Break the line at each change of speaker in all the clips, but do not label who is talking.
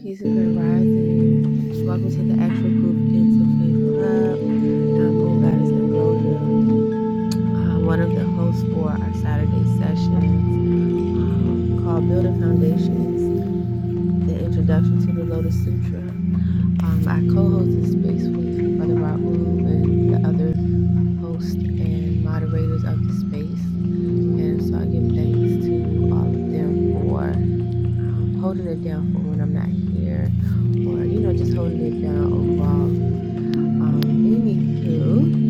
Peace and Grand Rising. Welcome to the actual group Into Faith Club. I'm Moon Goddess Ambrosia, uh, one of the hosts for our Saturday sessions um, called Building Foundations, the introduction to the Lotus Sutra. Um, I co-host this space with Brother Raoul and the other hosts and moderators of the space. And so I give thanks to all of them for. holding it down for when I'm not here, or you know, just holding it down overall. Um, anywho,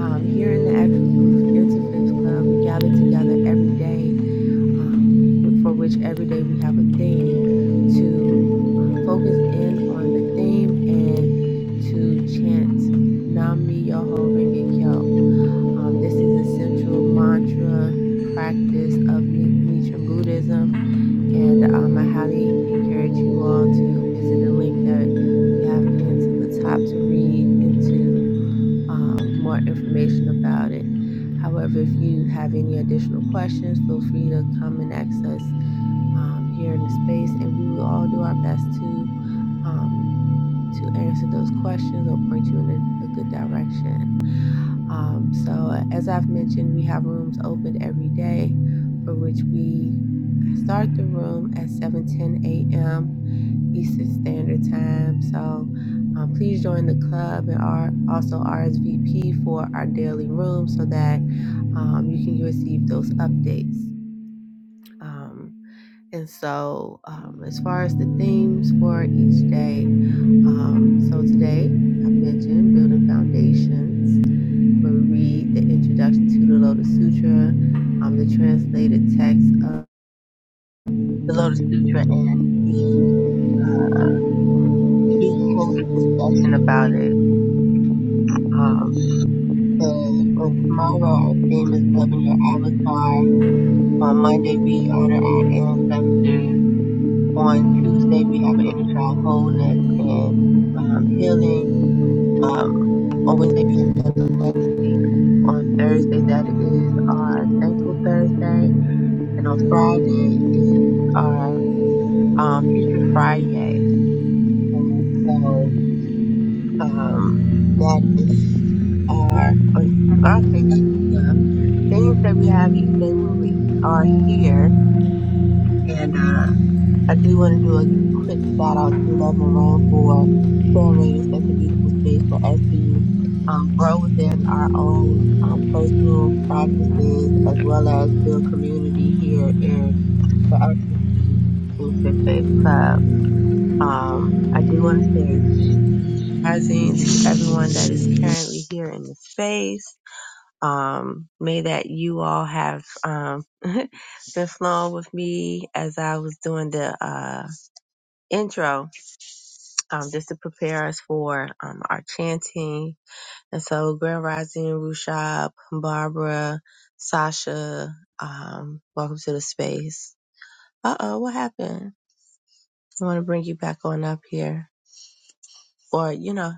um, here in the After Fifth Club, we gather together every day um, for which every day we have a theme to focus in on the theme and to chant Nam Myoho Renge Kyo. Um, this is the central mantra practice of Nichiren Buddhism, and um, I highly encourage you all to visit the link that we have pinned to the top to read into um, more information about it. However, if you have any additional questions, feel free to come and ask us um, here in the space, and we will all do our best to um, to answer those questions or point you in a, a good direction. Um, so, as I've mentioned, we have rooms opened every day, for which we start the room at 7:10 a.m. Eastern Standard Time. So, um, please join the club and our, also RSVP for our daily room so that um, you can receive those updates. Um, and so, um, as far as the themes for each day, um, so today I mentioned building foundations will read the introduction to the Lotus Sutra, um, the translated text of the Lotus Sutra, and the key quoted discussion about it. Um, and tomorrow, our theme is loving your avatar. On Monday, we honor our ancestors. On Tuesday, we have an inner child wholeness and um, healing. Um, on Wednesday, we have the next legacy. On Thursday, that is our Thankful Thursday. And on Fridays are um, Future Fridays. So um, that is our, or I'll say the things that we have each day when we are here. And uh, I do want to do a quick shout out to Love and Rain for curating such a beautiful space for us to um, grow within our own um, personal practices as well as build community here in the Action Pacific Club. Um, I do want to say present to everyone that is currently here in the space. Um, may that you all have um, been flowing with me as I was doing the uh, intro, um, just to prepare us for um, our chanting. And so, Grand Rising, Rushab, Barbara, Sasha, um, welcome to the space. Uh oh, what happened? I want to bring you back on up here, or you know,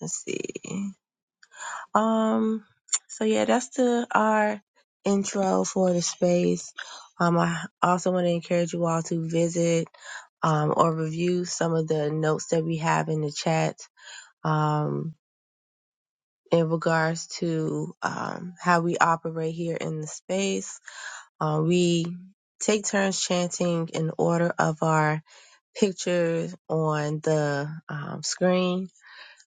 let's see. Um, so yeah, that's the our intro for the space. Um, I also want to encourage you all to visit um, or review some of the notes that we have in the chat um, in regards to um, how we operate here in the space. Uh, we take turns chanting in order of our pictures on the um, screen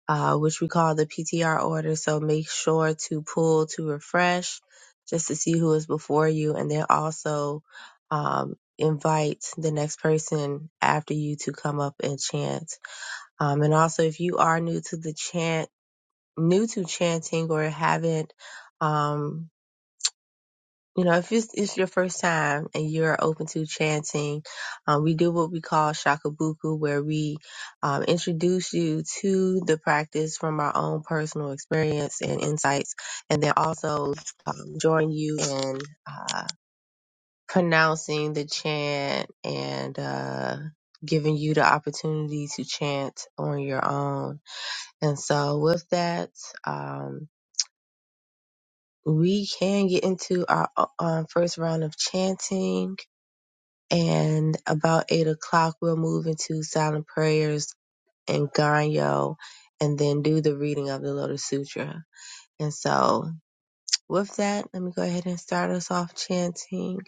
uh, which we call the PTR order. So make sure to pull to refresh just to see who is before you, and then also um, invite the next person after you to come up and chant. Um, and also, if you are new to the chant, new to chanting, or haven't. Um, you know, if it's, it's your first time and you're open to chanting, um, we do what we call shakabuku, where we um, introduce you to the practice from our own personal experience and insights, and then also um, join you in uh, pronouncing the chant and uh, giving you the opportunity to chant on your own. And so, with that, um, we can get into our uh, um, first round of chanting. and about eight o'clock we'll move into silent prayers and ganyo and then do the reading of the lotus sutra and so with that let me go ahead and start us off chanting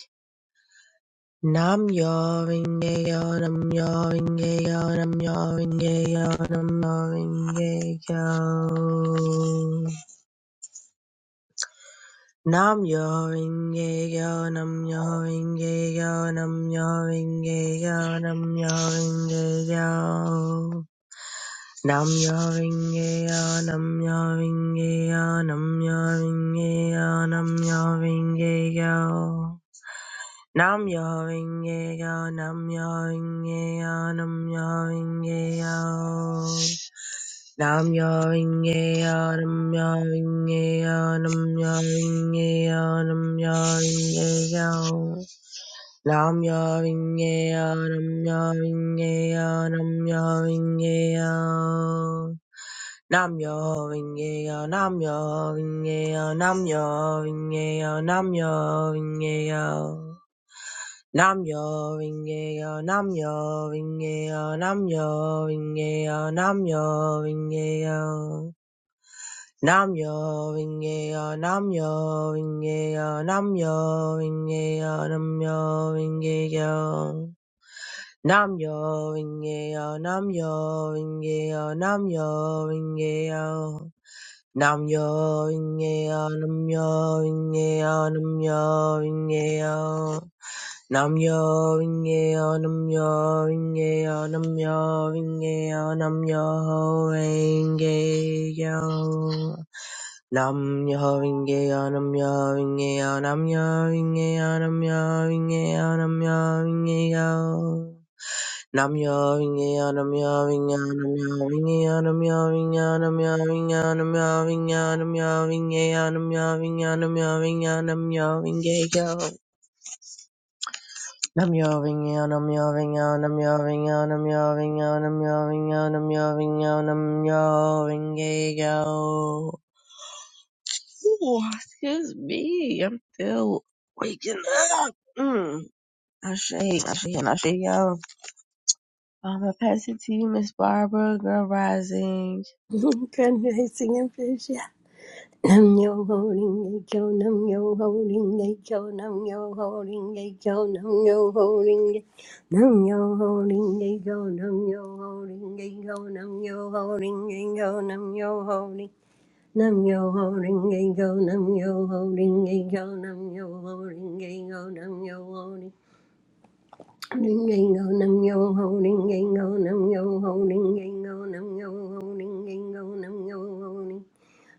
nam yo ringe yo nam yo ringe yo nam yo ringe yo nam yo ringe yo Nam yo ringe yo nam yo ringe yo nam yo ringe yo nam yo ringe yo Nam-myoho-renge-kyo, Nam-myoho-renge-kyo, Nam-myoho-renge-kyo, Nam-myoho-renge-kyo. Nam-myoho-renge-kyo, Nam-myoho-renge-kyo, Nam-myoho-renge-kyo. Nam-myoho-renge-kyo, Nam-myoho-renge-kyo, Nam-myoho-renge-kyo, Nam-myoho-renge-kyo. Nam-myoho-renge-kyo, Nam-myoho-renge-kyo, Nam-myoho-renge-kyo. Namyo Rinkeyo, Namyo Rinkeyo, Namyo Rinkeyo, Namyo Rinkeyo. Namyo Rinkeyo, Namyo Rinkeyo, Namyo Rinkeyo, Namyo Rinkeyo. Namyo Rinkeyo, Namyo Rinkeyo, Namyo Rinkeyo, Namyo Rinkeyo. Namyo Rinkeyo, Namyo Rinkeyo, Namyo Rinkeyo. Nam yo inge yo, nam yo inge yo, nam yo inge yo. Nam yo inge yo, nam yo inge yo, nam yo inge yo, nam yo inge yo. Nam yo inge yo, nam yo inge yo, nam yo inge yo, nam yo inge yo, nam yo inge yo. Nam yawing yanam yawing yanam yawing yanam yawing yanam yawing yanam yawing yanam yawing yanam yawing yanam yawing yanam yawing yayo. Nam yawing yanam yawing yanam yawing yanam yawing yanam yawing yanam yawing yanam yawing yayo. Ooh, excuse me, I'm still waking up. Mm. Ashe, Ashe, and Ashe, yo. I'm gonna pass it to you, Miss Barbara, girl rising.
Fundraising and vision. Nam yo holding a kyo, nam yo holding a kyo, nam yo holding a kyo, nam yo holding a Nam yo holding a kyo, nam yo holding a kyo, nam yo holding a kyo, nam yo holding Nam yo holding a kyo, nam yo holding a kyo, nam yo holding a kyo, nam yo holding Holding angle, nam yo holding angle, nam yo holding angle, nam yo holding angle, nam yo holding.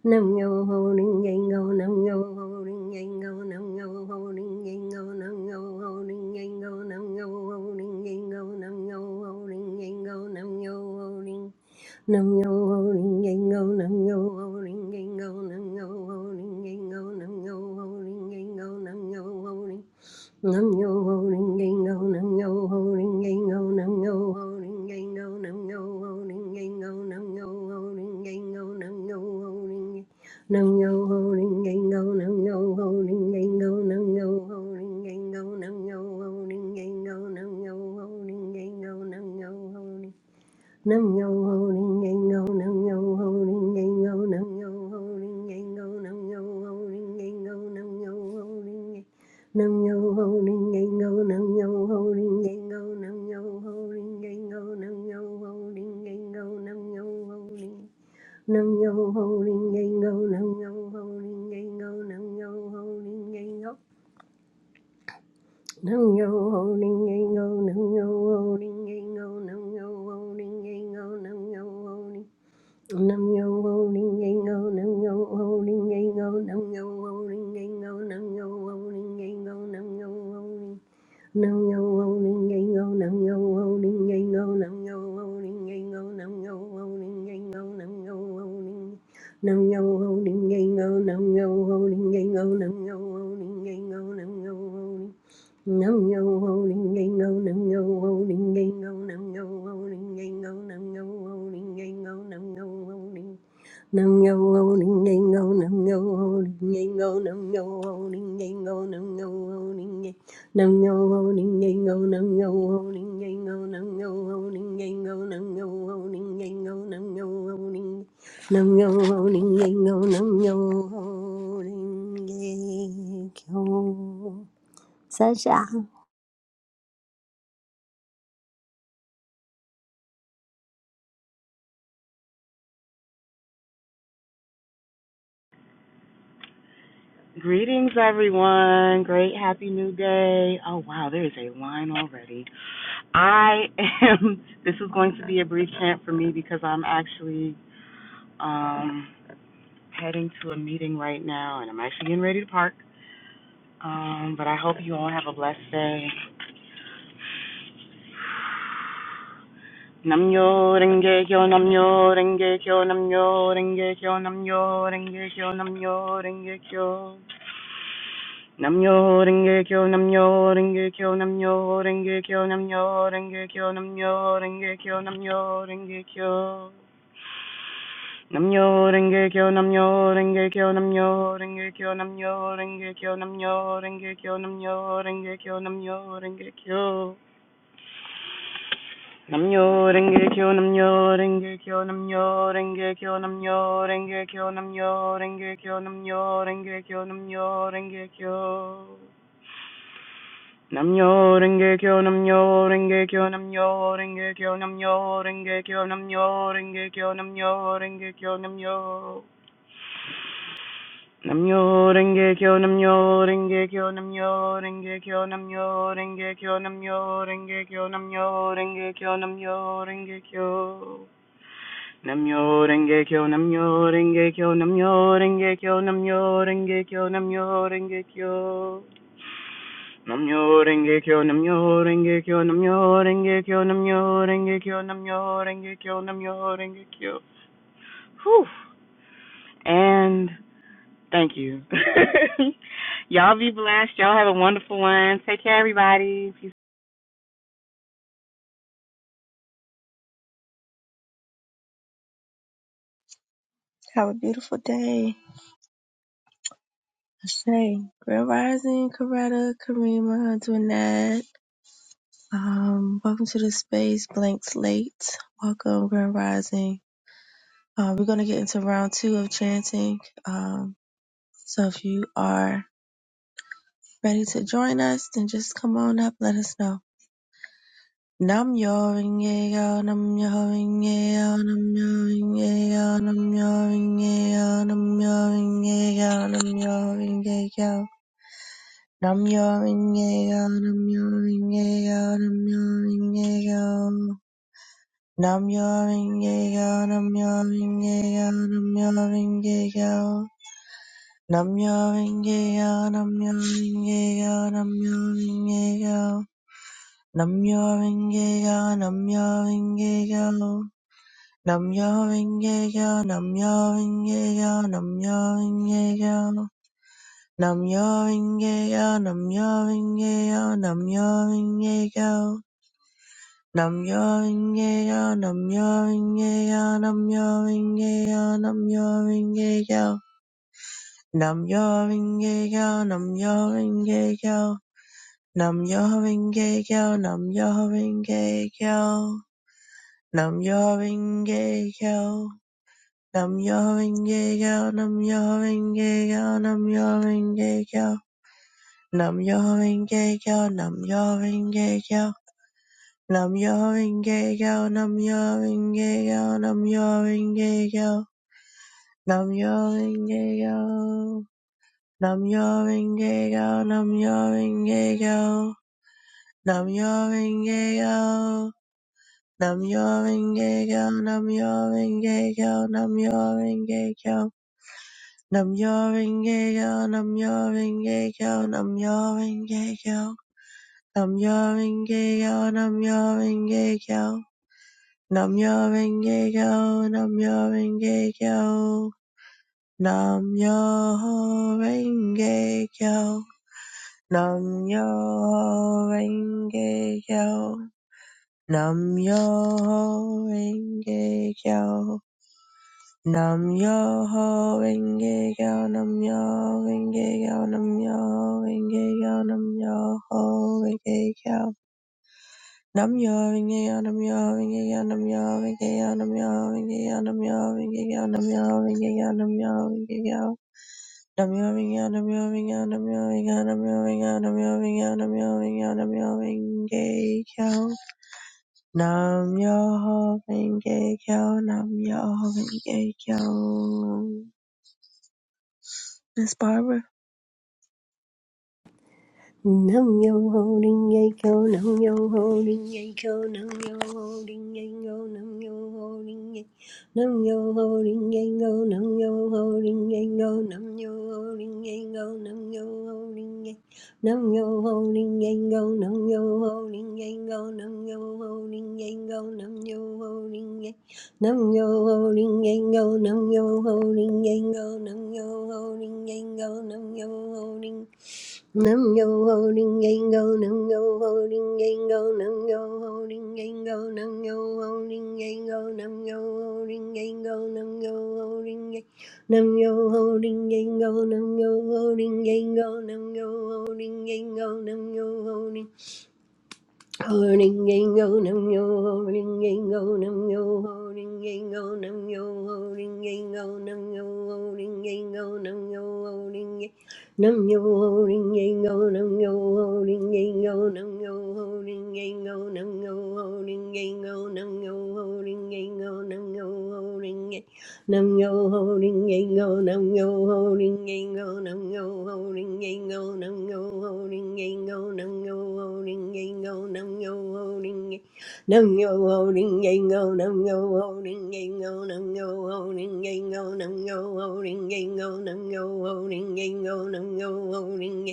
Nam yo ho ring yang go, nam yo ho ring yang go, nam yo ho ring yang go, nam yo ho ring yang go, nam yo ho ring yang go, nam yo ho ring yang go, nam yo ho ring. Nam yo ho ring yang go, nam yo ho ring yang go, nam yo ho ring yang go, nam yo ho ring yang go, nam yo ho ring Nam yo ho ring ding go, nam yo ho ring ding go, nam yo ho ring ding go, nam yo ho ring ding go, nam yo ho ring ding go, nam yo ho ring ding nam yo ho ring ring go, nam yo ho ring ding go, nam yo ho ring ding go, nam yo ho ring ding go, nam yo ho ring ding go, nam yo ho Nam yo ho ring yang ho nam yo ho ring yang ho nam yo ho ring yang ho nam yo ho ring yang ho nam yo ho ring yang nam yo ho ring yang ho nam yo ho ring yang ho nam yo ho ring yang ho nam yo ho ring yang ho nam yo ho ring nam yo ho ring yang ho nam yo ho ring yang ho nam yo ho ring yang ho Nam yo ho ding ding go, nam yo ho ding ding go, nam yo ho ding ding go, nam yo ho Nam yo wo ling yang go, nam yo wo ling yang go, nam yo wo ling yang go, nam yo wo ling yang go, nam yo wo ling. Nam yo wo ling yang go, nam yo wo ling yang go, nam yo wo ling yang go, nam yo wo ling yang go, nam yo wo ling. Nam yo wo ling yang go, nam yo wo ling yang go, nam yo wo ling yang go, nam yo wo ling. Nam yo wo ling yang go, nam yo wo ling yang go, nam yo wo ling yang go, nam yo wo ling yang go, nam yo wo ling. Nam yo ho ning ngay ngô nam yo ho ning ngay ngô nam yo ho ning ngay ngô nam yo ho ning ngay nam yo ho ning ngay ngô nam yo ho ning ngay ngô nam yo ho ning ngay ngô nam yo ho ning ngay ngô nam yo ho ning nam yo ho ning ngay ngô nam yo ho ning ngay ngô
Greetings, everyone. Great, happy new day. Oh, wow, there is a line already. I am, this is going to be a brief chant for me because I'm actually um, heading to a meeting right now and I'm actually getting ready to park. Um, but I hope you all have a blessed day. Namyo Renge Kyo Namyo Renge Kyo Namyo Renge Kyo Namyo Renge Kyo Namyo Renge Kyo Namyo Renge Kyo Namyo Renge Kyo Namyo Renge Kyo Namyo Renge Kyo Namyo Renge Kyo Namyo Renge Kyo Namyo Renge Kyo Namyo Renge Kyo Namyo Renge Kyo Namyo Renge Kyo Namyo Renge Kyo Namyo Renge Kyo Namyo Renge Kyo Namyo Renge Kyo Namyo Renge Kyo Namyo Renge Kyo Namyo Renge Kyo Namyo Renge Kyo Namyo Renge Kyo Namyo Renge Kyo Namyo Renge Kyo Namyo Renge Kyo Namyo Renge Kyo Namyo Renge Kyo Namyo Renge Kyo Namyo Renge Kyo Namyo Namyo Renge Kyo Namyo Renge Kyo Namyo Renge Kyo Namyo Renge Kyo Namyo Renge Kyo Namyo Renge Kyo Namyo Renge Kyo Namyo Renge Kyo Namyo Renge Kyo Namyo Renge Kyo Namyo Renge Kyo Namyo Renge Kyo Namyo Renge Kyo Namyo Renge Kyo Namyo Renge Kyo Namyo Renge Kyo Namyo Renge Kyo Namyo Renge Kyo Whew. And Thank you. y'all be blessed. Y'all have a wonderful one. Take care, everybody. Peace.
Have a beautiful day. Ashay. Grand Rising, Coretta, Karima, Dwinette. Um, welcome to the space, Blank Slate. Welcome, Grand Rising. Uh, we're going to get into round two of chanting. Um, so if you are ready to join us, then just come on up, let us know. Nam yo ring yo, nam yo ring yo, nam yo ring yo, nam yo ring yo, nam yo ring yo, nam yo ring yo. Namyo Rinkeyo, Namyo Rinkeyo, Namyo Rinkeyo. Namyo Rinkeyo, Namyo Rinkeyo, Namyo Rinkeyo. Namyo Rinkeyo, Namyo Rinkeyo, Namyo Rinkeyo. Namyo Rinkeyo, Namyo Rinkeyo. Namyo Rinkeyo, Namyo Rinkeyo, Namyo Rinkeyo. Nam-myoho-renge-kyo, Nam-myoho-renge-kyo, Nam-myoho-renge-kyo, Nam-myoho-renge-kyo, Nam-myoho-renge-kyo, Nam-myoho-renge-kyo, Nam-myoho-renge-kyo, Nam-myoho-renge-kyo, Nam-myoho-renge-kyo, Nam-myoho-renge-kyo, Nam-myoho-renge-kyo, Nam-myoho-renge-kyo, nam renge kyo Nam-myoho-renge-kyo, nam renge kyo Nam-myoho-renge-kyo, Nam-myoho-renge-kyo, Nam-myoho-renge-kyo, Nam-myoho-renge-kyo, Nam-myoho-renge-kyo, Nam-myoho-renge-kyo, Nam-myoho-renge-kyo, Nam-myoho-renge-kyo, Nam-myoho-renge-kyo, Nam-myoho-renge-kyo, Nam-myoho-renge-kyo, Nam-myoho-renge-kyo, Nam-myoho-renge-kyo, Nam-myoho-renge-kyo, Nam-myoho-renge-kyo. Namyo Renge Kyo, Namyo Renge Kyo, Namyo Renge Kyo, Namyo Renge Kyo, Namyo Renge Kyo, Namyo Renge Kyo, Namyo Renge Kyo, Namyo Renge Kyo, Namyo Renge Kyo, Namyo Renge Kyo, Namyo Renge Kyo. Nam yawing again, I'm yawing again, I'm yawing again, I'm yawing again, I'm yawing again, I'm yawing again, I'm yawing again. I'm yawing again, I'm yawing again, I'm yawing again, I'm yawing again, I'm yawing again, I'm yawing again, I'm yawing again. Nam yawing again, I'm yawing again. Miss Barbara,
Nam yo ho ding ye Go, nam yo ho ding ye Go, nam yo ho ding ye Go, nam yo ho ding ye, nam yo ho ding ye Go, nam yo ho ding ye Go, nam yo ho ding ye Go, nam yo ho ding ye, nam yo ho ding ye Go, nam yo ho ding ye Go, nam yo ho ding ye Go, nam yo ho ding ye, nam yo ho ding ye Go, nam yo ho ding ye Go, nam yo ho ding ye kyo, nam yo ho ding Nam yo ho ding yang go, nam yo ho ding yang go, nam yo ho ding yang go, nam yo ho ding yang go, nam yo ho ding yang go, nam yo ho ding yang, nam yo ho ding yang go, nam yo ho ding yang go, nam yo ho ding yang go, nam yo ho ding. Holding and go num, yo, holding and go num, yo, holding and go num, yo, holding and go num, yo, holding and go num, yo, holding and num, yo, holding and go num, yo, holding and go num, yo, holding and go num, yo, holding and go num, yo, holding and go num, Nam Nam yo ho ring yang go, nam yo ho ring yang go, nam yo ho ring yang go, nam yo ho ring yang go, nam yo ho ring yang go, nam yo ho ring yang Nam yo ho ding yang go, nam yo ho ding yang go, nam yo ho ding yang go, nam yo ho ding yang go, nam yo ho ding yang go, nam yo ho ding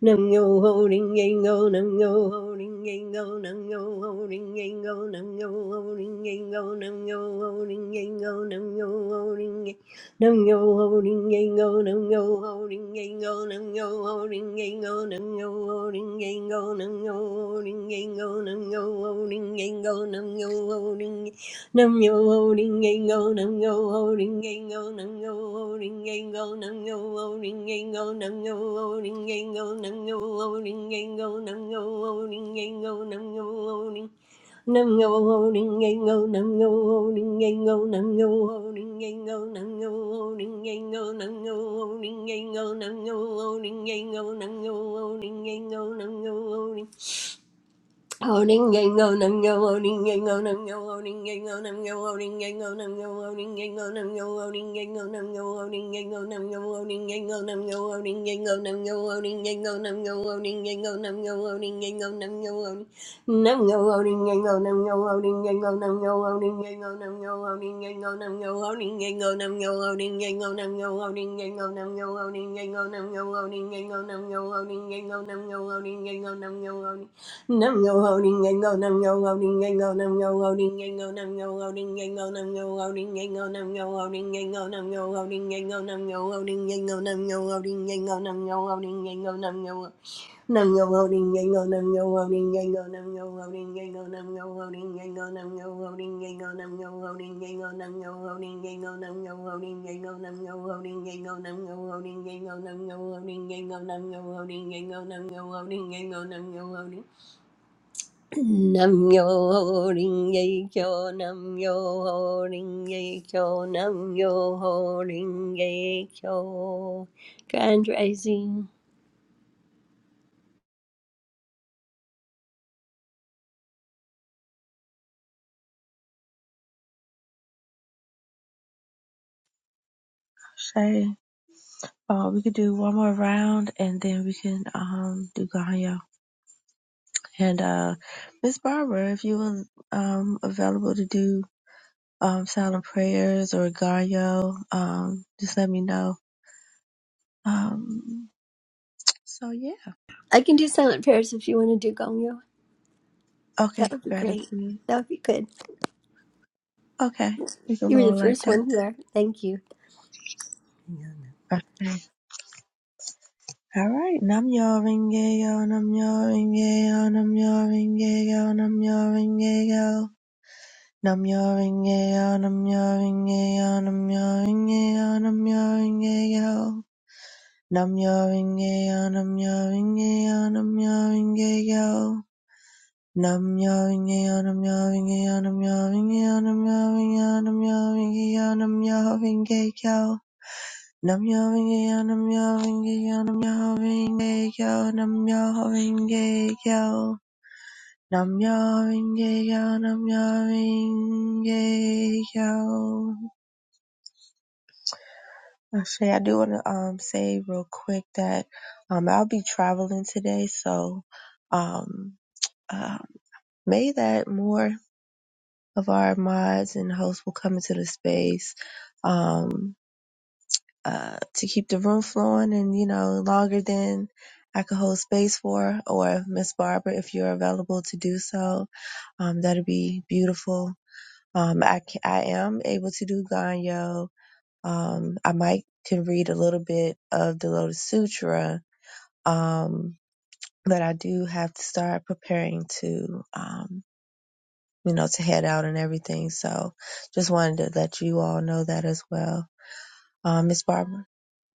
Nam yo ho ring yang go, nam yo ho ring yang go, nam yo ho ring yang go, nam yo ho ring yang go, nam yo ho ring yang go, nam yo ho ring yang nam yo ho ring yang go, nam yo ho ring yang go, nam yo ho ring yang go, nam yo ho ring yang go, nam yo ho ring yang go, nam yo ho ring yang go, nam yo ho ring Nam yo ho ring yang go, nam yo ho ring yang go, nam yo ho ring yang go, nam yo ho ring yang go, nam yo ho ring yang go, nam yo ho ring yang go, nam yo ho ring yang go, nam yo ho ring. Nam yo ho ring yang go, nam yo ho ring yang go, nam yo ho ring yang go, nam yo ho ring yang go, nam yo ho ring yang go, nam yo ho ring yang go, nam yo ho ring yang go, nam yo ho ring. Owning and go Nam go owning and go nam go owning and go nam go owning and go nam go owning and go nam go owning and go nam go owning and go nam go owning and go nam go owning and go nam go owning and go nam go owning and go nam go owning and go nam go owning nam go owning and go nam go owning and go nam go owning and go nam go owning and go nam go owning and go nam go owning and go nam go owning and go nam go owning and go nam go owning and go nam go owning and go nam go owning and go nam go owning Nam yo ho ding yang go nam yo ho ding yang go nam yo ho ding yang go nam yo ho ding yang go nam yo ho ding yang go nam yo ho ding yang go nam yo ho ding yang go nam yo ho ding yang go nam yo ho ding yang go nam yo ho ding yang go nam yo nam yo ho ding go nam yo ho ding go nam yo ho ding go nam yo ho ding go nam yo ho ding go nam yo ho ding go nam yo ho ding go nam yo ho ding go nam yo ho ding go nam yo ho ding go nam yo ho ding go nam yo ho ding go nam yo ho ding go nam yo ho Namyo Rinpoche, Namyo Rinpoche, Namyo Rinpoche. Grand rising.
say, uh, we could do one more round and then we can um do Ganyo. And uh, Miss Barbara, if you were um, available to do um, silent prayers or Gario, um, just let me know. Um, so yeah.
I can do silent prayers if you want to do gongyo. That
Okay,
would be great.
gratitude.
That would be good.
Okay, we can
You were the
roll like
first
that.
one there. Thank you.
Okay. All right. Nam yo ringe yo, nam yo ringe yo, nam yo ringe yo, nam yo ringe yo. Nam yo ringe yo, nam yo ringe yo, nam yo ringe yo, nam yo ringe yo. Namyo Rinkeya Namyo Rinkeya Namyo Rinkeya Namyo Rinkeya Namyo Rinkeya Namyo Rinkeya Namyo Rinkeya Namyo Rinkeya Namyo Rinkeya Namyo Rinkeya Namyo Rinkeya Namyo Rinkeya Namyo Rinkeya Namyo Rinkeya Namyo Rinkeya Actually, I do want to um say real quick that um I'll be traveling today, so um uh, may that more of our mods and hosts will come into the space um uh to keep the room flowing and you know longer than I could hold space for, or Miss Barbara, if you're available to do so, um that'd be beautiful. Um, I ca- I am able to do Ganyo um, I might can read a little bit of the Lotus Sutra, um, but I do have to start preparing to, um, you know, to head out and everything. So just wanted to let you all know that as well. Um, Miss Barbara,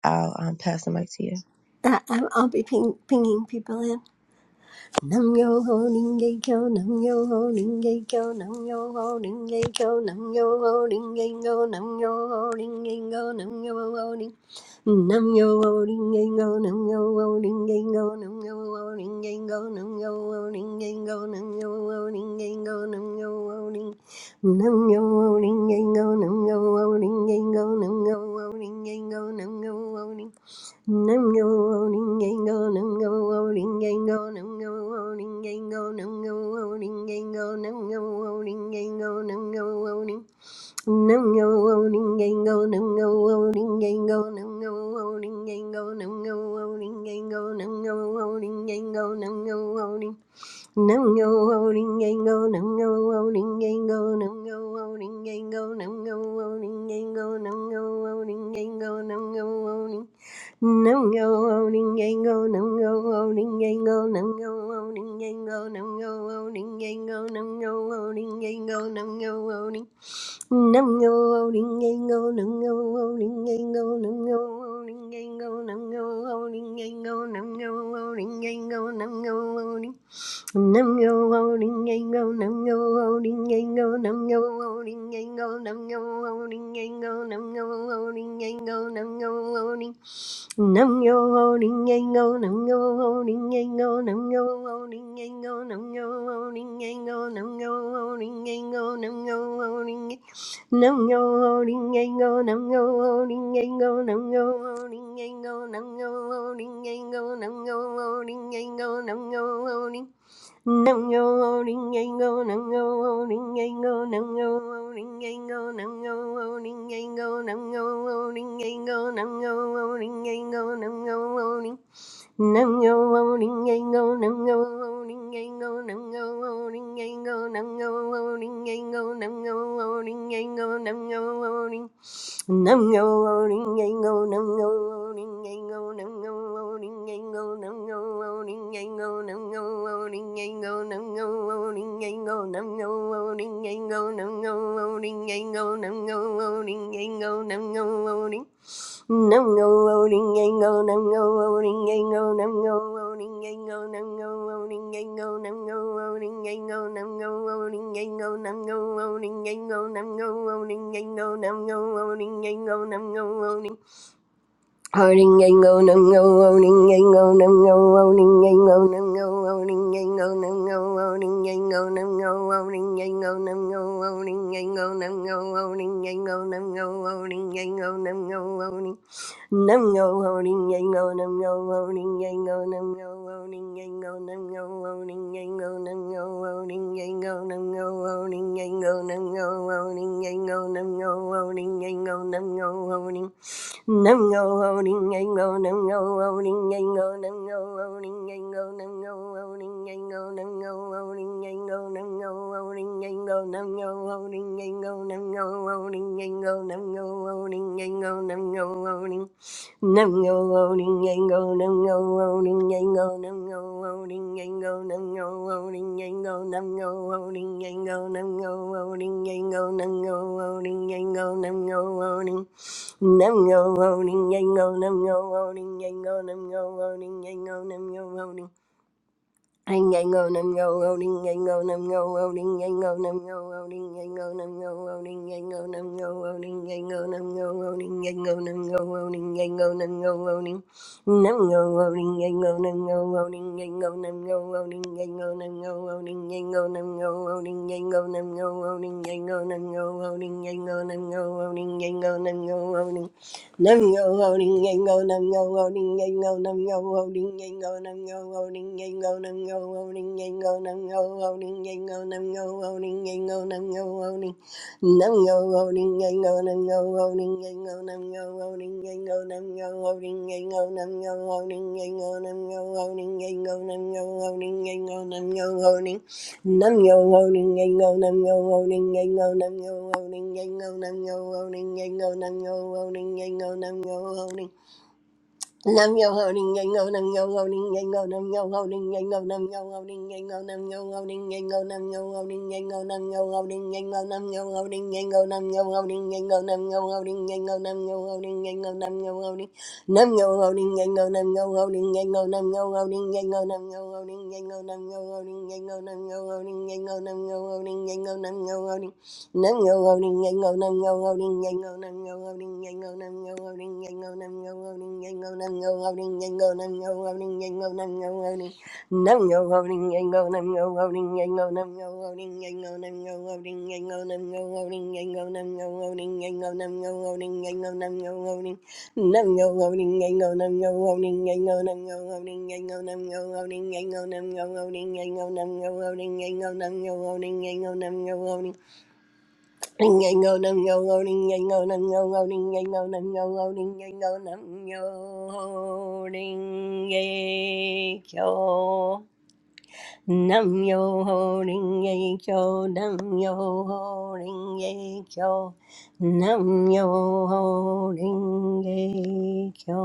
I'll um, pass the mic to you.
Uh, I'm- I'll be ping, pinging people in. Nam yo ho ning ye kyo, nam yo ho ning ye kyo, nam yo ho ning ye kyo, nam yo ho ning ye kyo, nam yo ho ning ye kyo, nam yo ho ning. Nam yo ho ning ye kyo, nam yo ho ning ye kyo, nam yo ho ning ye kyo, nam yo ho ning ye kyo, nam yo ho ning ye kyo, nam yo ho ning. Nam yo ho ning ye kyo, nam yo ho ning ye kyo, nam yo ho ning ye kyo, nam yo ho ning. Nam yo o ning go nam yo o ning go nam yo o ning go nam yo o ning go nam yo o ning go nam yo o ning nam yo o ning yang go nam yo o ning go nam yo o ning go nam yo o ning go nam yo o ning go nam yo o ning nam yo o ning go nam yo o ning go nam yo o ning go nam yo o ning go nam yo o ning go nam yo o Nungo Oningengo Nungo Oningengo Nungo Oningengo Nungo Oningengo Nungo Oningengo Nungo Oning Nungo Oningengo Nungo Oningengo Nungo Oningengo Nungo Oningengo Nungo Oningengo Nungo Oning Nungo Oningengo Nungo Oningengo Nungo Oningengo Nungo Oningengo Nungo Oningengo Nungo Oning Nam yo ho ding yang go, nam yo ho ding yang go, nam yo ho ding yang go, nam yo ho ding yang go, nam yo ho ding yang go, nam yo ho ding yang nam yo ho ding yang go, nam yo ho ding yang go, nam yo ho ding yang go, nam yo ho ding yang go, nam yo ho ding yang go, nam yo ho ding Nango ringango nango ringango nango ringango nango ringango nango ringango nango ringango nango ring nango ringango nango ringango nango ringango nango ringango nango ringango nango ring Nam yo o ring a go, nam yo o ring a go, nam yo o ring a go, nam yo o ring a go, nam yo o ring a go, nam yo o ring a go, nam yo o ring a go, nam yo o ring a go, nam yo o ring a go, nam yo o ring. Nam ngô ngô đinh ngây ngô nam ngô ngô đinh ngây ngô nam ngô ngô đinh ngây ngô nam ngô ngô đinh ngây ngô nam ngô ngô đinh ngây ngô nam ngô ngô đinh ngây ngô nam ngô ngô đinh ngây ngô nam ngô ngô đinh ngây ngô nam ngô ngô đinh ngây ngô nam ngô ngô đinh Ho đinh ngây ngô nam ngô ngô đinh ngây ngô nam ngô ngô đinh ngây ngô nam ngô ngô đinh ngây ngô nam ngô ngô đinh ngây ngô nam ngô ngô đinh ngây ngô nam ngô ngô đinh ngây ngô nam ngô ngô đinh ngây ngô nam ngô ngô đinh ngây ngô nam ngô ngô Nam yo holding yang go nam yo holding yang go nam yo holding yang go nam yo holding yang go nam yo holding yang go nam yo holding yang go nam yo holding yang go nam yo holding yang go nam yo holding nam yo holding yang go nam yo holding yang go nam yo holding yang go nam yo holding yang go nam yo holding yang go nam yo holding yang go nam yo holding yang go nam yo holding yang go nam yo holding yang go nam yo holding Nam go loading and go, nam go loading and go, nam go loading and go, nam go loading and go, nam go loading and go, nam go loading and go, nam go loading and go, nam go loading. Nam go loading and go, nam go loading and go, nam go loading and go, nam go loading. Ing ing go, nam yo o ding go, o nam go, o ding ing o nam yo o ding ing o nam go, o ding go, o nam yo o ding ing o nam yo o ding go, o nam go, o ding ing o nam yo o ding nam go, o ding ing o nam yo o ding ing o nam go, o ding go, o nam yo o ding ing o nam yo o ding go, o nam go, o ding ing o nam yo o ding ing o nam go, o ding go, o nam yo o ding Nam yo ho ding yang go nam yo ho ding yang go nam yo ho ding yang go nam yo ho ding yang go nam yo ho ding yang go nam yo ho ding yang go nam yo ho ding yang go nam yo ho ding nam yo ho ding yang go nam yo ho ding yang go nam yo ho ding yang go nam yo ho ding nam yo ho ding nam yo ho ding nam yo ho ding nam yo ho Nam yo loading yango nam yo loading yango nam yo loading yango nam yo loading yango nam yo loading yango nam yo loading Nam yo ho ding yang go nam yo ho ding yang go nam yo ho ding yang go nam yo ho ding yang go nam yo ho ding yang go nam yo ho ding yang go nam yo ho ding yang go nam yo ho ding yang go nam yo ho ding yang go nam yo ho ding yang go nam yo ho ding yang go nam yo ho ding nam yo ho ding yang go nam yo ho ding yang go nam yo ho ding yang go nam yo ho ding yang go nam yo ho ding yang go nam yo ho ding yang go nam yo ho ding yang go nam yo ho ding Nam yo loading yang go nam yo loading yang go nam yo loading yang go nam yo loading yang go nam yo loading yang go nam yo loading yang go nam yo loading yang go nam yo loading nam yo loading yang go nam yo loading yang go nam yo loading yang go nam yo loading yang go nam yo loading yang go nam yo loading yang go nam yo loading yang go nam yo loading no, no, loading, no, no, no, loading, no, no, no, loading, no, no, no, loading, no, no, no, loading, no, no, no, loading, no, no, no, loading, no, no, no, loading, Ring a go num go go ding a go num go go ding a go num go go ding a go num yo ding a kyo nam yo ho ding a kyo nam yo ho ding a kyo nam yo ho ding a kyo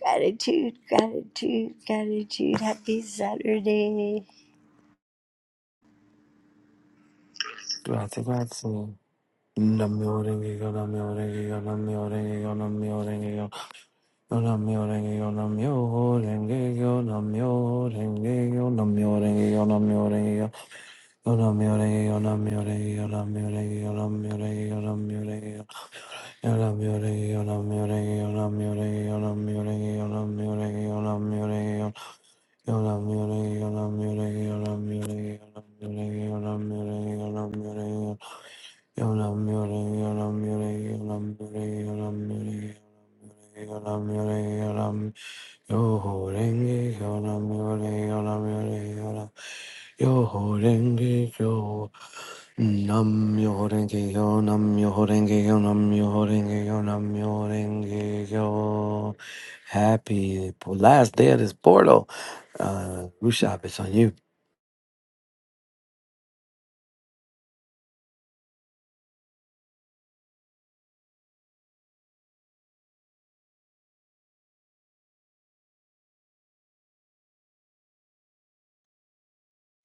gratitude gratitude gratitude happy Saturday
Grazie, grazie. Non mi oreghi, non mi oreghi, non mi oreghi, non mi oreghi, non mi oreghi, non mi oreghi, non mi oreghi, non mi oreghi, non mi oreghi. Ona miore, ona miore, ona miore, ona miore, ona miore, ona miore, ona miore, ona miore, ona miore, ona miore, ona miore, ona miore, Happy last day of this portal. Uh, Rushab, it's on you.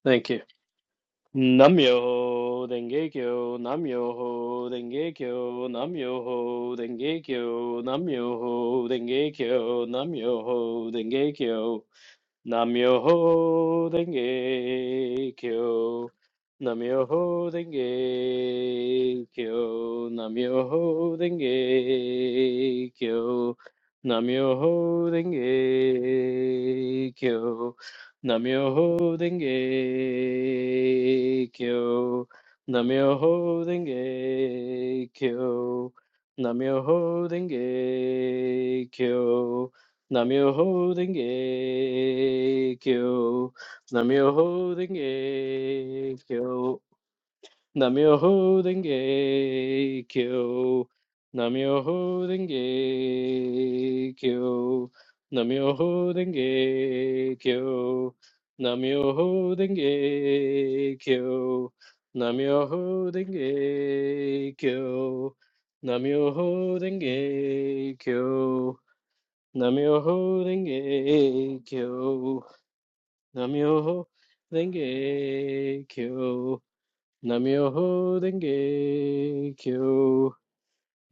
Thank you. Namyoho Denge Kyo, Namyoho Denge Kyo, Namyoho Denge Kyo, Namyoho Denge Kyo, Namyoho Denge Kyo. Namyoho Denge Kyo. Namyoho Denge Kyo. Namyoho Denge Kyo. Namyoho Denge Kyo. Namyoho Denge Kyo. Namyoho Denge Kyo. Namyoho Denge Kyo. Namyoho Renge Kyo. Namyoho Renge Kyo. Namyoho Renge Kyo. Namyoho Renge Kyo. Namyoho Renge Kyo. Namyoho Renge Kyo. Namyoho Renge Kyo. Namyoho Renge Kyo. Namyoho Renge Kyo. Namyoho Renge Kyo. Namyoho Renge Kyo.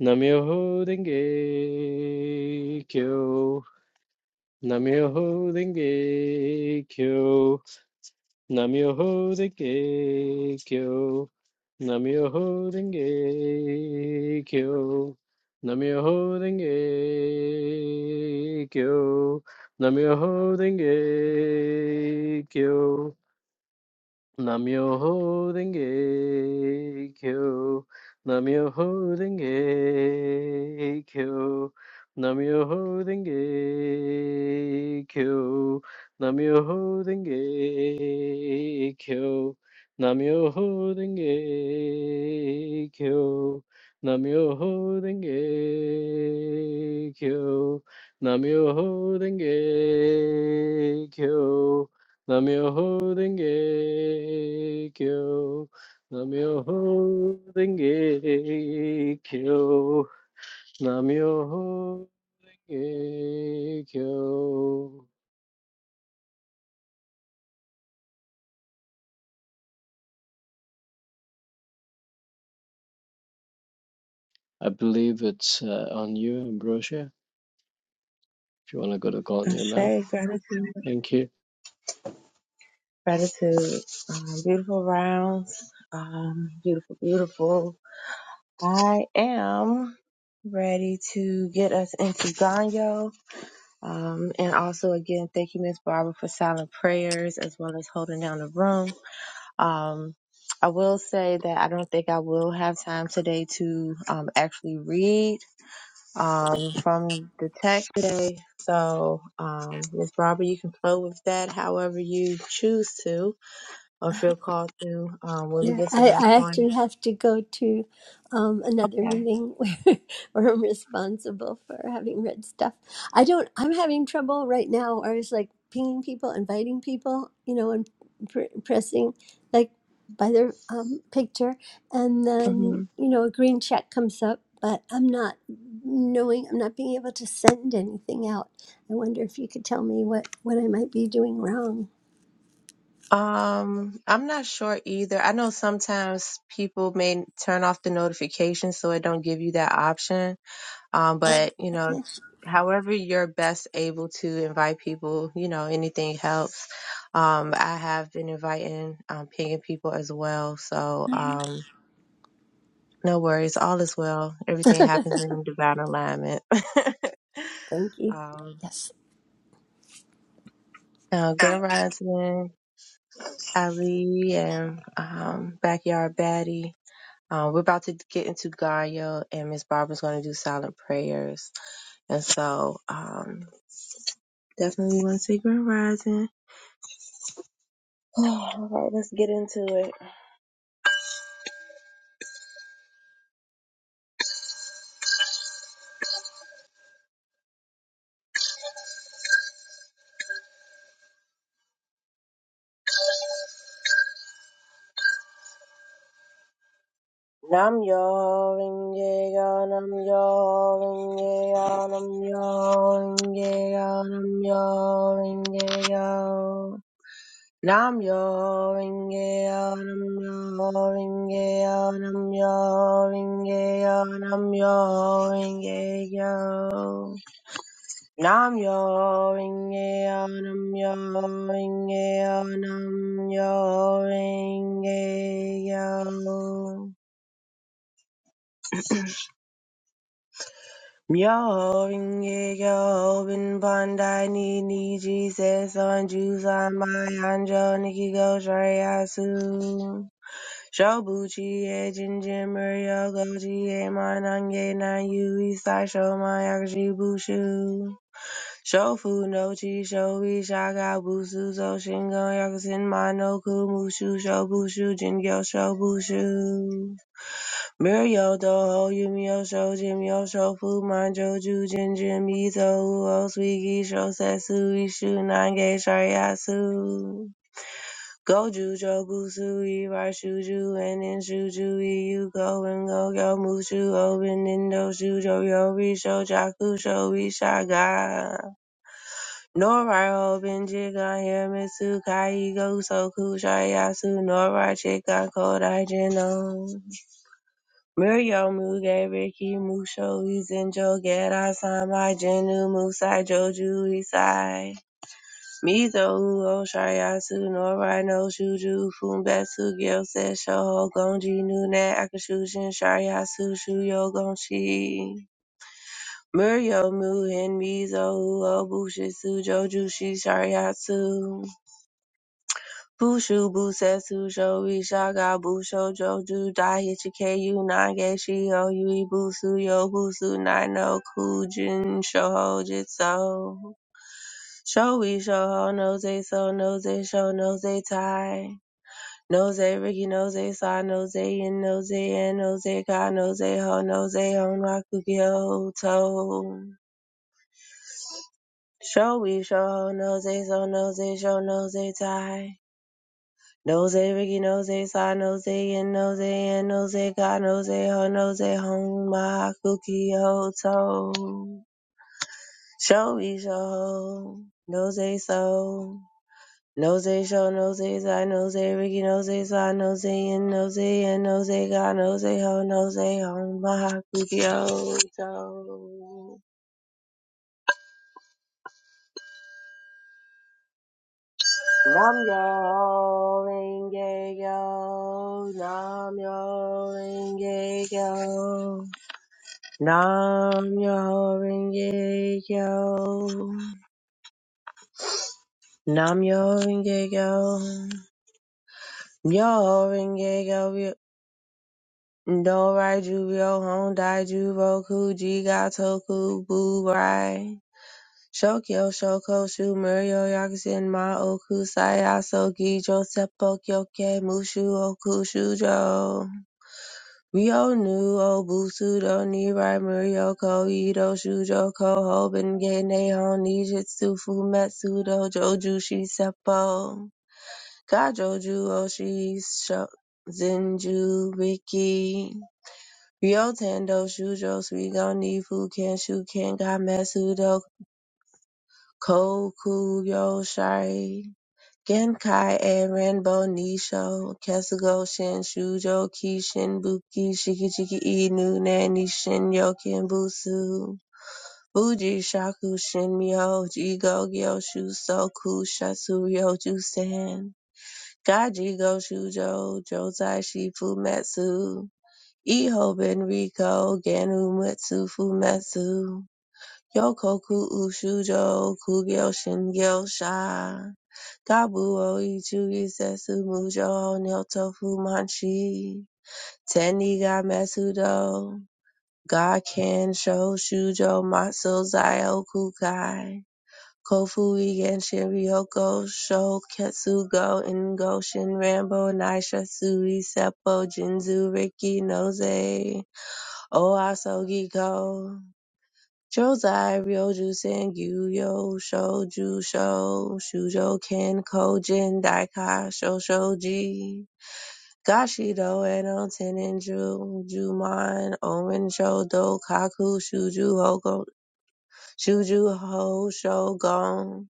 Namyoho Renge Kyo. Namyoho Renge Kyo. Namyoho Renge Kyo. Namyoho Renge Kyo. Namyoho Renge Kyo. Namyoho Renge Kyo. Namyoho Renge Kyo. Namyoho Renge Kyo. Namyoho Renge Kyo. Namyoho Renge Kyo. Namyoho Renge Kyo. Namyoho Renge Kyo. Namyoho Renge Kyo. Namyoho Denge Kyo. Namyoho Denge Kyo. Namyoho Denge Kyo. I believe it's uh, on you, Ambrosia, if you want to go to Gonya now.
Ashe, gratitude,
Thank you.
gratitude. Um, beautiful rounds. Um, beautiful, beautiful. I am ready to get us into Ganyo. Um, and also, again, thank you, Miss Barbara, for silent prayers as well as holding down the room. Um, I will say that I don't think I will have time today to um, actually read um, from the text today. So, um, Miss Barbara, you can flow with that however you choose to or feel called to um, when we
Yeah,
get to
I,
that
I actually
point.
have to go to um, another
Okay.
meeting where, where I'm responsible for having read stuff. I don't, I'm having trouble right now. I was like pinging people, inviting people, you know, and pr- pressing like by their um, picture. And
Mm-hmm.
then, you know, a green check comes up, but I'm not knowing, I'm not being able to send anything out. I wonder if you could tell me what, what I might be doing wrong.
Um, I'm not sure either. I know sometimes people may turn off the notifications so it don't give you that option. Um,
Um,
but you know,
okay,
however you're best able to invite people, you know, anything helps. Um, I have been inviting, um, pinging people as well. So, um, no worries. All is well. Everything happens in divine alignment.
thank you.
um,
Yes.
uh, Grand Rising, Ali, and um, Backyard Baddie. Um, we're about to get into Gaia, and Miss Barbara's going to do silent prayers. And so, um, definitely want to say Grand Rising. All right, let's get into it. Nam yo ringe yo nam yo ringe yo nam yo ringe yo nam yo ringe yo. Nam yo ringe yo nam yo ringe yo nam yo ringe yo nam yo ringe yo. Nam yo ringe yo nam yo ringe yo nam yo ringe yo. Myo ringe yo bin pandai ni ni Jesus on Jews on my anjo niki go shariasu. Shobuchi e jinjin muryo goji e manange na yui sai sho my bushu. Shofu no chi shoui shaka busu so shingo yakusin mano kumushu shobushu jingyo shobushu. Muryo doho yumyo sho jimyo shofu manjo ju jinjin mizo uo suigi sho setsu ishu nange shariatsu. Goju jobusu irai shuju and in shuju iu go and go go mushu open indo shujo yori sho jaku sho ishaga. Norai Hoben Jigon Hiramitsu Kai Goso Kushai Yasu Norai Chikan Kodai Jeno Muryo Muge Riki Musho Izinjo Gera Samai Jenu Musai Joju Isai Mizo Uo Shai Norai No Shuju Fumbetsu Gyose Shoho Gonji Nune Akashushin Shai Yasu Shuyo Gonshi Muryo Muhen Mizo Uo Bushisu Joju Shi Shariatsu Bushu, Busetsu, Shoi, Shaga, Busho, Joju, Daiichi, Keiyu, Nage, Shio, Yui, Busu, Yobusu, Nino, Kujin, Shoho, Jitsu, Shoi, Shoho, Noze, So, Noze, Sho, Noze, Tai, Noze, Riki, Noze, Sa, Noze, Yin, Noze, and Noze, Ka, Noze, Ho, Noze, Hon, Rakugyo, To, Shoi, Shoho, Noze, So, Noze, Sho, Noze, Tai, Nose Ricky Nose side Nose and Nose and Nose Ka Nose Ho Nose home, my Kuki Ho To Show Me Show ho. Nose So Nose Show Nose side Nose Ricky Nose side Nose and Nose and Nose Ka Nose Ho Nose Hong Maha Kuki Ho To Nam Yo Renge Yo Nam Yo Renge Yo Nam Myoho Renge Kyo. Nam Myoho Renge Kyo. Myoho Renge Kyo. No Raiju Ryo Hon Daiju Roku Jiga Toku Bu Rai. Shokyo Shoko Shu Muryo Yakusen Ma Oku Sayaso Gijo Seppo Kyoke Mushu Oku Shujo. We all knew Obutsudo, Nirai, Muryoko, Ito, Shujo, Koho, Benkei, Nihon, Nijitsu, Fumetsu, Dojo, Jushi, Seppo, Kajoju, Oshi, Sho- Zenju, Riki, Ryotando, Shujo, Suigon, Nifu, Kenshu, Kenga, Matsudo, Koku, Yoshari, Genkai and Renbo Nisho, Kesugo Shin, Shujo Kishin, Buki, Shikichiki Inu, Nani Shin, yokin Busu, Buji Shaku Shin Myo, Jigo Gyo Shusoku, Shatsuryo Jusen, Gaji Go Shujo, Josai Shifu Metsu, Iho Benriko, Ganu Metsu Fumetsu, Yokoku Ushujo, Kugyo Shin Gyo Sha. Kabu Oichu Isetsu Musho Nyoto Fumanshi Teniga Metsudo Gakken Sho Shujo Matsu Zio Kukai Kofu Igenshin Ryoko Sho Ketsugo Ingo shin rambo Naisha Sui Seppo Jinzu Riki Noze Oaso Giko Josei Ryojusen Gyuyo Shoju Sho Shujoken Kojin Daika Shoshoji Gashido Eno Teninju Juman Omen Shodo Kaku Shuju Hoko Shuju Ho Shogon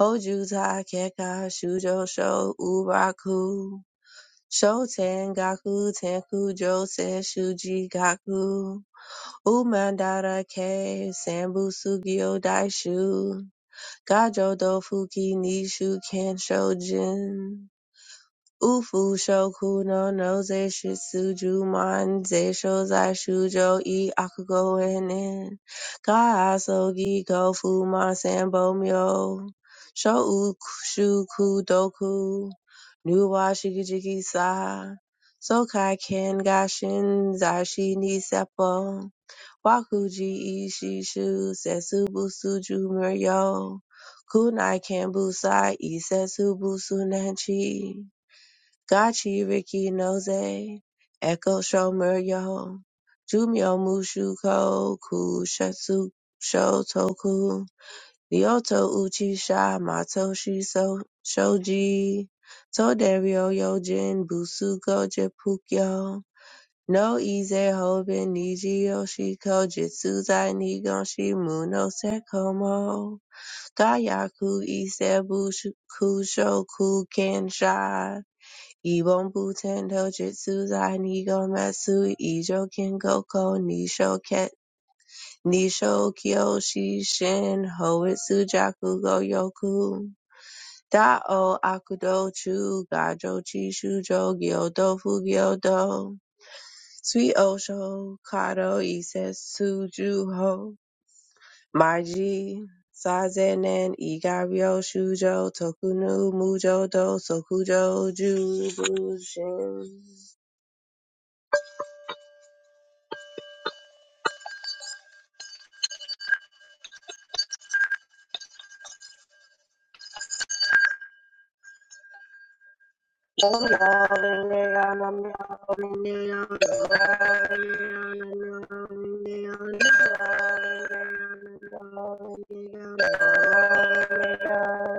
Hoju Ta Keka Shujo Sho Uraku Shoten Gaku Tenku Jose Shuji Gaku Umandara ke sambu sugyo daishu gajo do dofuki nishu kensho jin ufu shoku no noze shitsuju man zeisho zai shujo i akugo enen ga asogi go fu ma sambo myo sho shuku doku nuwa shikijiki sa sokai ken gashin zai shi ni seppo Wakuji ishishu setsubusu jumuryo. Kunai kenbusai isetsubusu nanchi. Gachi riki noze. Echo shomuryo. Jumyo mushuko kushetsu shotoku. Ryoto uchisha matoshi so shoji. Toderio yojin busugo jepukyo. No Ize Hoben Niji Yoshiko Jitsuzai Nigon Shimu no Sekomo Dayaku Isebu shu- Kushoku Kenshai Ibon Butendo Jitsuzai Nigon Matsui Ijo Kengoko Nisho Ket Nisho Kyoshi Shin Hoitsu Jaku Goyoku Da o akudo chu gajo chi shujo gyodo fu gyodo. Sweet Osho, Kado, Ises, Suju, Ho, Marji, Sazenen, Igario, Shujo, Tokunu, Mujo, Do, Sokujo, Jubushin.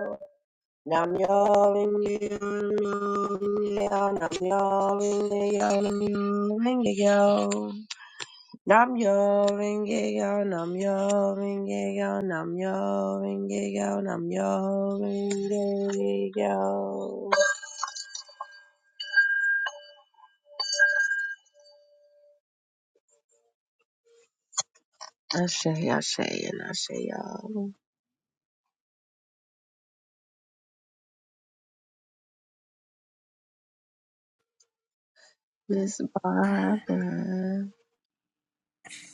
Nam nam nam nam nam yo ringe yo, nam yo ringe yo, nam yo, ringe yo nam yo, ringe yo I say, I say, and I say, y'all. Miss Barbara.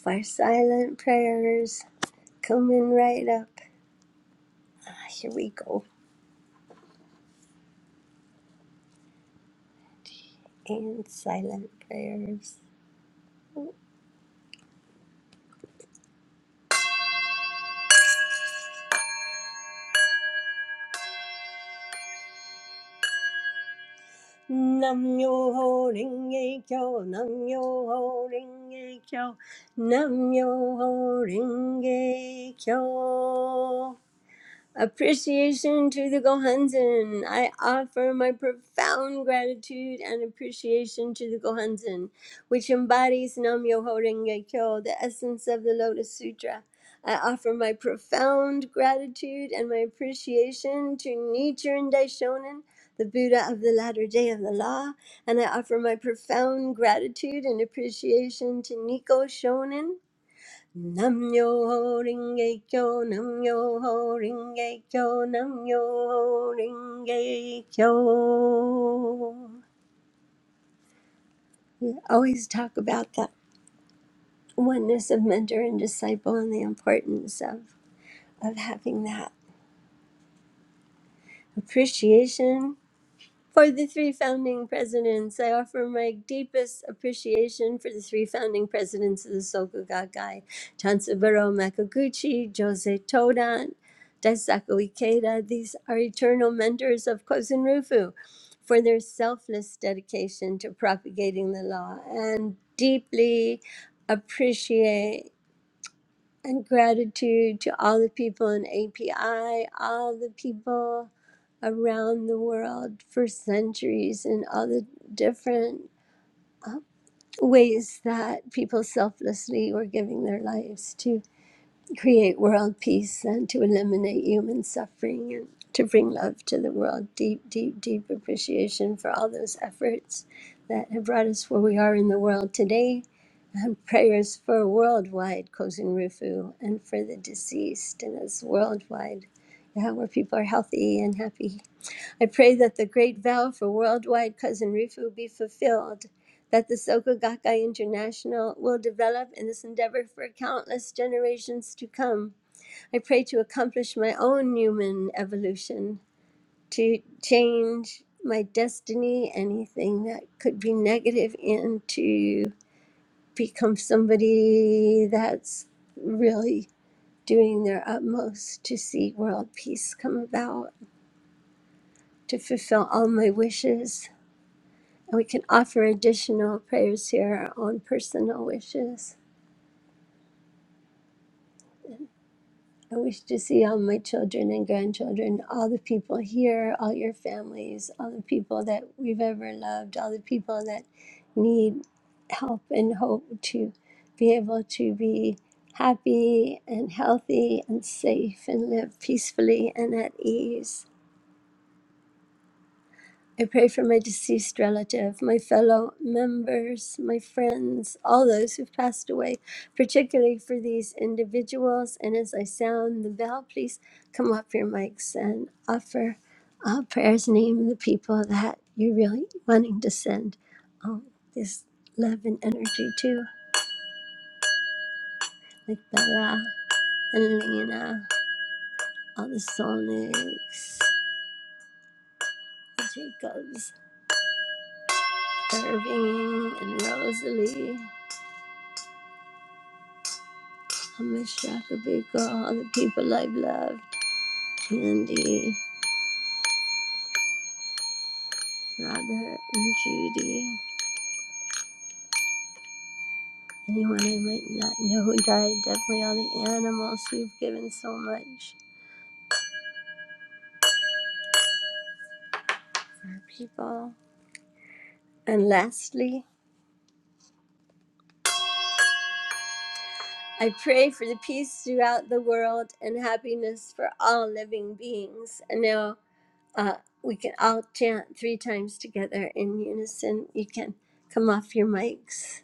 Our silent prayers coming right up. Ah, here we go. And silent prayers. Nam yo ho ring ye kyo, nam yo ho ring ye kyo, nam yo ho ring ye kyo. Appreciation to the Gohanzen. I offer my profound gratitude and appreciation to the Gohanzen, which embodies Nam Myoho Renge Kyo, the essence of the Lotus Sutra. I offer my profound gratitude and my appreciation to Nichiren Daishonin, the Buddha of the latter day of the law, and I offer my profound gratitude and appreciation to Nico Shonin Nam yo ho ring ge kyo, nam yo ho ring ge kyo, nam yo ho ring ge kyo. We always talk about the oneness of mentor and disciple and the importance of, of having that appreciation For the three founding presidents, I offer my deepest appreciation for the three founding presidents of the Soka Gakkai, Chansaburo Makaguchi, Jose Todan, Daisaku Ikeda. These are eternal mentors of Kozen Rufu for their selfless dedication to propagating the law and deeply appreciate and gratitude to all the people in API, all the people around the world for centuries, and all the different uh, ways that people selflessly were giving their lives to create world peace and to eliminate human suffering and to bring love to the world. Deep, deep, deep appreciation for all those efforts that have brought us where we are in the world today prayers for worldwide Kozen Rufu and for the deceased, and it's worldwide, yeah, where people are healthy and happy. I pray that the great vow for worldwide Kozen Rufu be fulfilled, that the Soka Gakkai International will develop in this endeavor for countless generations to come. I pray to accomplish my own human evolution, to change my destiny, anything that could be negative into become somebody that's really doing their utmost to see world peace come about, to fulfill all my wishes. And we can offer additional prayers here, our own personal wishes. I wish to see all my children and grandchildren, all the people here, all your families, all the people that we've ever loved, all the people that need help and hope to be able to be happy and healthy and safe and live peacefully and at ease. I pray for my deceased relative, my fellow members, my friends, all those who've passed away, particularly for these individuals. And as I sound the bell, please come off your mics and offer uh, prayers name the people that you're really wanting to send um, this love and energy to, like Bella and Lena, all the Sonics, the Jacobs, Irving and Rosalie. I miss Shakabika, all the people I've loved, Candy, Robert, and Judy. Anyone I might not know who died, definitely all the animals who've given so much for our people. And lastly, I pray for the peace throughout the world and happiness for all living beings. And now uh, we can all chant three times together in unison. You can come off your mics.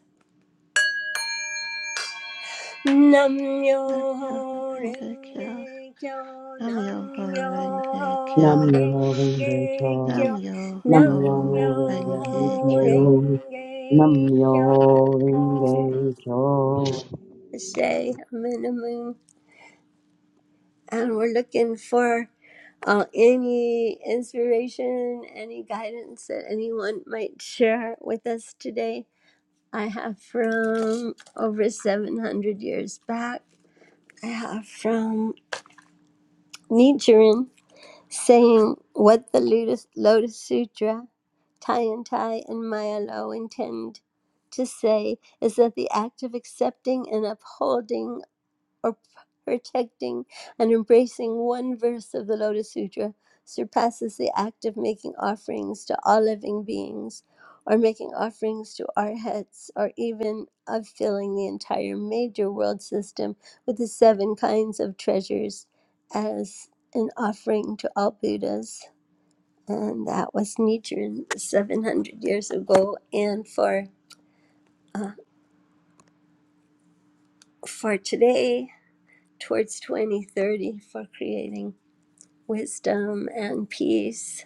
Namyo
Nam Yoho Renge Kyo,
Renge Kyo,
Nam Yoho
Namyo
Renge
Nam
Kyo,
myoho renge kyo.
Renge
Nam
Kyo,
Nam
Yoho
myoho
Namyo
renge
Renge
kyo.
Kyo,
Nam
Renge Kyo.
myoho renge kyo.
Say, I'm in the moon, and we're looking for uh, any inspiration, any guidance that anyone might share with us today. I have from over 700 years back. I have from Nichiren. saying what the Lotus, Lotus Sutra, Tiantai, and Maya intend to say is that the act of accepting and upholding or protecting and embracing one verse of the Lotus Sutra surpasses the act of making offerings to all living beings or making offerings to our heads or even of filling the entire major world system with the seven kinds of treasures as an offering to all Buddhas. And that was Nichiren 700 years ago. And for, uh, for today, towards 2030, for creating. wisdom and peace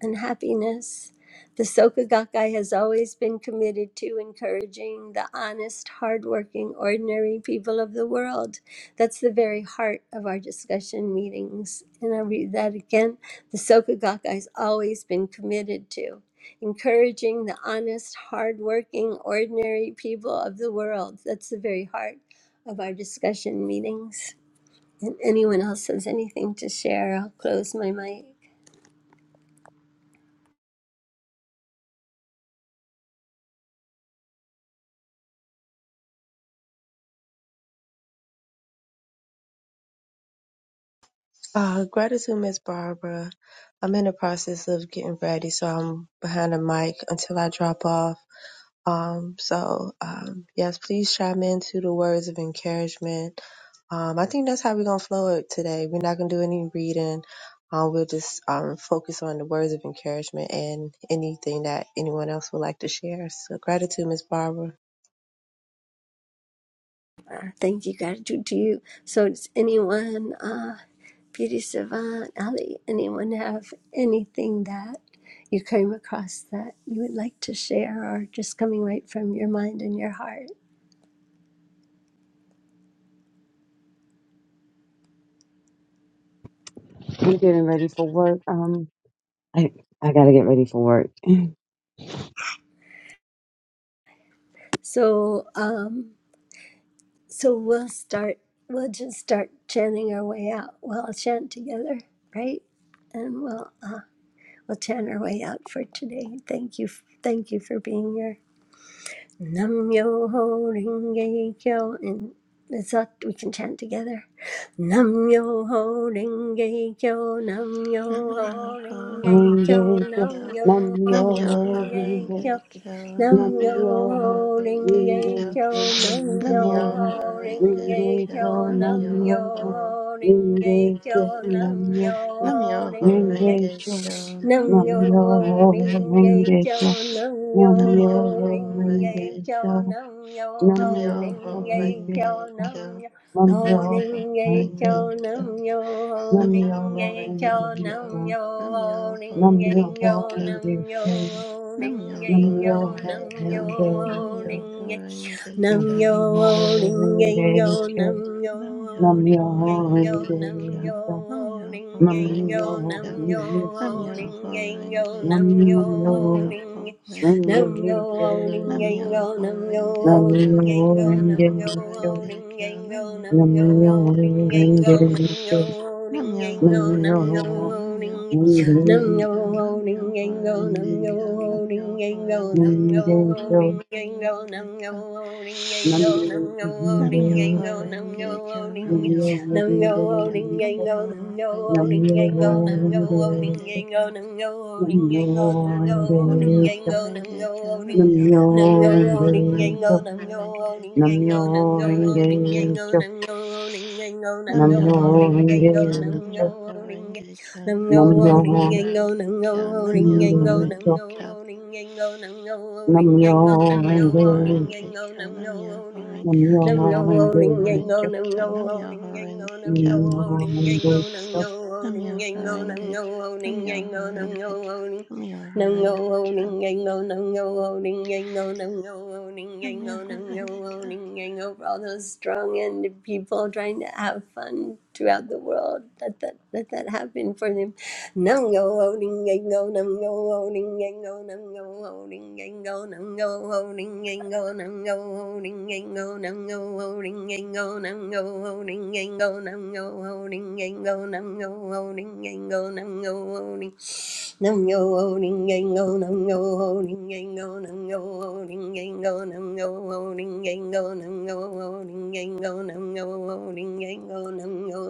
and happiness. The Soka Gakkai has always been committed to encouraging the honest, hardworking, ordinary people of the world. That's the very heart of our discussion meetings. And I read that again. The Soka Gakkai has always been committed to encouraging the honest, hardworking, ordinary people of the world. That's the very heart of our discussion meetings. And anyone else has anything to share, I'll close my mic.
Uh, gratitude, Miss Barbara. I'm in the process of getting ready, so I'm behind the mic until I drop off. Um, so, um, yes, please chime into the words of encouragement. Um, I think that's how we're going to flow it today. We're not going to do any reading. Um, we'll just um, focus on the words of encouragement and anything that anyone else would like to share. So, gratitude, Miss Barbara.
Uh, thank you, gratitude to you. So, does anyone, uh, Beauty Savant, Ali, anyone have anything that you came across that you would like to share, or just coming right from your mind and your heart?
I'm getting ready for work. Um, I I gotta get ready for work.
So, um, so we'll start. We'll just start chanting our way out. We'll all chant together, right? And we'll uh, we'll chant our way out for today. Thank you, thank you for being here. Nam yo ho ringe kyo. And it's up. We can chant together. Nam yo ho ringe kyo. Nam
Nam
yo ho
Yoho
ringe kyo.
Renge
Renge kyo.
Nam
Kyo,
Nam
yo
Nam
ho
Yoho
myoho
ringe
renge.
kyo.
Renge Kyo,
Nam
Nam
Nam
yo
myoho
Yoho
ring
Renge
ye
Kyo,
renge
kyo,
kyo.
nam
Nam
Nam
yo
myoho
Yoho
ring
Renge
ye
renge
Kyo,
kyo,
kyo.
Nam
Nam
nam yo
Yoho
myoho
ring ye
renge
Renge
kyo,
kyo.
Kyo,
nam
Nam
yo
myoho
Nam Yoho
ring ye
renge
Renge
kyo.
Kyo,
Nam
Nam
Nam
yo
Yoho
yo
Renge
ring ye
Kyo,
renge
kyo,
kyo,
nam yo
nam
Nam
yo
ring
Yoho
ye
renge
Renge
kyo,
kyo,
Kyo,
nam yo
nam yo
Nam-myoho
ring ye
renge
Renge
kyo,
Kyo.
kyo,
nam yo
Nam-myoho
Holding a
renge
Renge
cho
Kyo.
kyo,
nam yo,
nam yo
holding
Nam-myoho
a
Renge
cho
renge
Kyo.
kyo,
nam yo,
Nam-myoho
nam
holding a
yo
Renge
yo
Kyo.
renge
nam yo,
kyo,
holding
Nam-myoho
nam
a
yo
yo
Renge
nam
Kyo.
yo,
renge
Ho
kyo,
Nam-myoho
ling, a
Renge
nam
Kyo.
nam yo,
yo
holding a
renge
yo
kyo,
nam yo,
nam yo renge kyo, nam yo
Nam-myoho
holding a
renge
yo
Renge
nam
Kyo.
yo,
kyo,
Nam-myoho
holding
nam
a yo
Renge Kyo.
nam yo,
Nam-myoho
holding a yo
Renge
nam
Kyo.
yo,
yo
Ho
Nam-myoho
ling,
Renge
Nam yo
renge
Kyo.
ho ding
kyo.
yang go,
Nam-myoho
nam yo
Renge
ho
Namyo
Kyo.
ding
myoho
yang go, nam
renge
yo
Nam-myoho
kyo
ho
Renge
ding
Kyo.
yang go, nam
Nam-myoho
yo ho
Renge
ding
Kyo.
yang go, nam yo
Nam-myoho-renge-kyo.
ho ding yang
Nam-myoho-renge-kyo.
go,
Namyo
nam yo
Nam-myoho-renge-kyo,
ho ding
myoho
nam yo
Nam-myoho-renge-kyo,
ho ding yang go, nam yo
Nam-myoho-renge-kyo,
ho ding yang go, nam
Nam-myoho-renge-kyo,
yo
renge
ho ding
kyo
yang go, nam yo
Nam-myoho-renge-kyo,
ho ding yang go, nam yo ho ding yang go,
Nam-myoho-renge-kyo.
nam yo
Nam-myoho-renge-kyo,
ho ding Nam go o
Nam-myoho-renge-kyo,
ding
Nam-myoho-renge-kyo.
yang go, nam go o ding
Nam-myoho-renge-kyo,
Namyo
yang
myoho
go, nam go
renge
o ding
kyo
yang go,
Nam-myoho-renge-kyo,
nam go o ding yang go, nam go o ding yang
Nam-myoho-renge-kyo.
go, nam go
Nam-myoho-renge-kyo,
o ding, nam go o
Nam-myoho-renge-kyo,
ding yang go,
Nam-myoho-renge-kyo.
nam go o ding
Nam-myoho-renge-kyo,
nam
yang go, nam go o
renge
ding
Nam-myoho-renge-kyo.
yang go,
kyo
nam go o ding yang go, nam
nam
go
Namyoho
o ding yang
Renge
go,
Kyo,
nam
Namyoho
go o ding yang
Renge Kyo,
Nam ngâu ô
renge
Namyoho
ninh ngây ngô,
Renge
nam ngâu
Kyo,
ô ninh ngây
Namyoho
ngô,
kyo
Renge
nam ngâu
Kyo,
ô ninh ngây nam ngâu ô ninh
Namyo
ngây nam
Renge,
Namyoho
ngâu ô ninh ngây
Renge Kyo,
nam ngâu
Namyoho
ô
Renge
Namyo
Kyo,
Nam yo
Namyoho
Renge,
holding, and
Renge
go, nam
Kyo,
yo
Namyoho
loading and go,
Renge
nam yo
Kyo,
Namyo
loading and go,
Renge,
nam yo holding,
Namyoho
and go,
Renge
nam yo
Kyo,
loading and
Namyoho
go, nam yo
Renge Kyo,
loading.
Namyoho
Nam yo
Renge Kyo,
loading and go, nam yo holding, and go, nam yo loading and go,
Namyoho
nam yo
Renge Kyo,
loading and go. For all those strong and people trying to have fun throughout the world, let that, let that happen for them Nam go holding and go, nam go holding and go, nam go holding and go, nam go holding and go, nam go holding and go, nam go holding and go, nam go holding and go, nam go holding and go, nam go holding and go, nam go holding. Nam go holding and go, nam go holding and go, nam go holding and go, nam go holding and go, nam go holding and go, nam go holding and go, nam go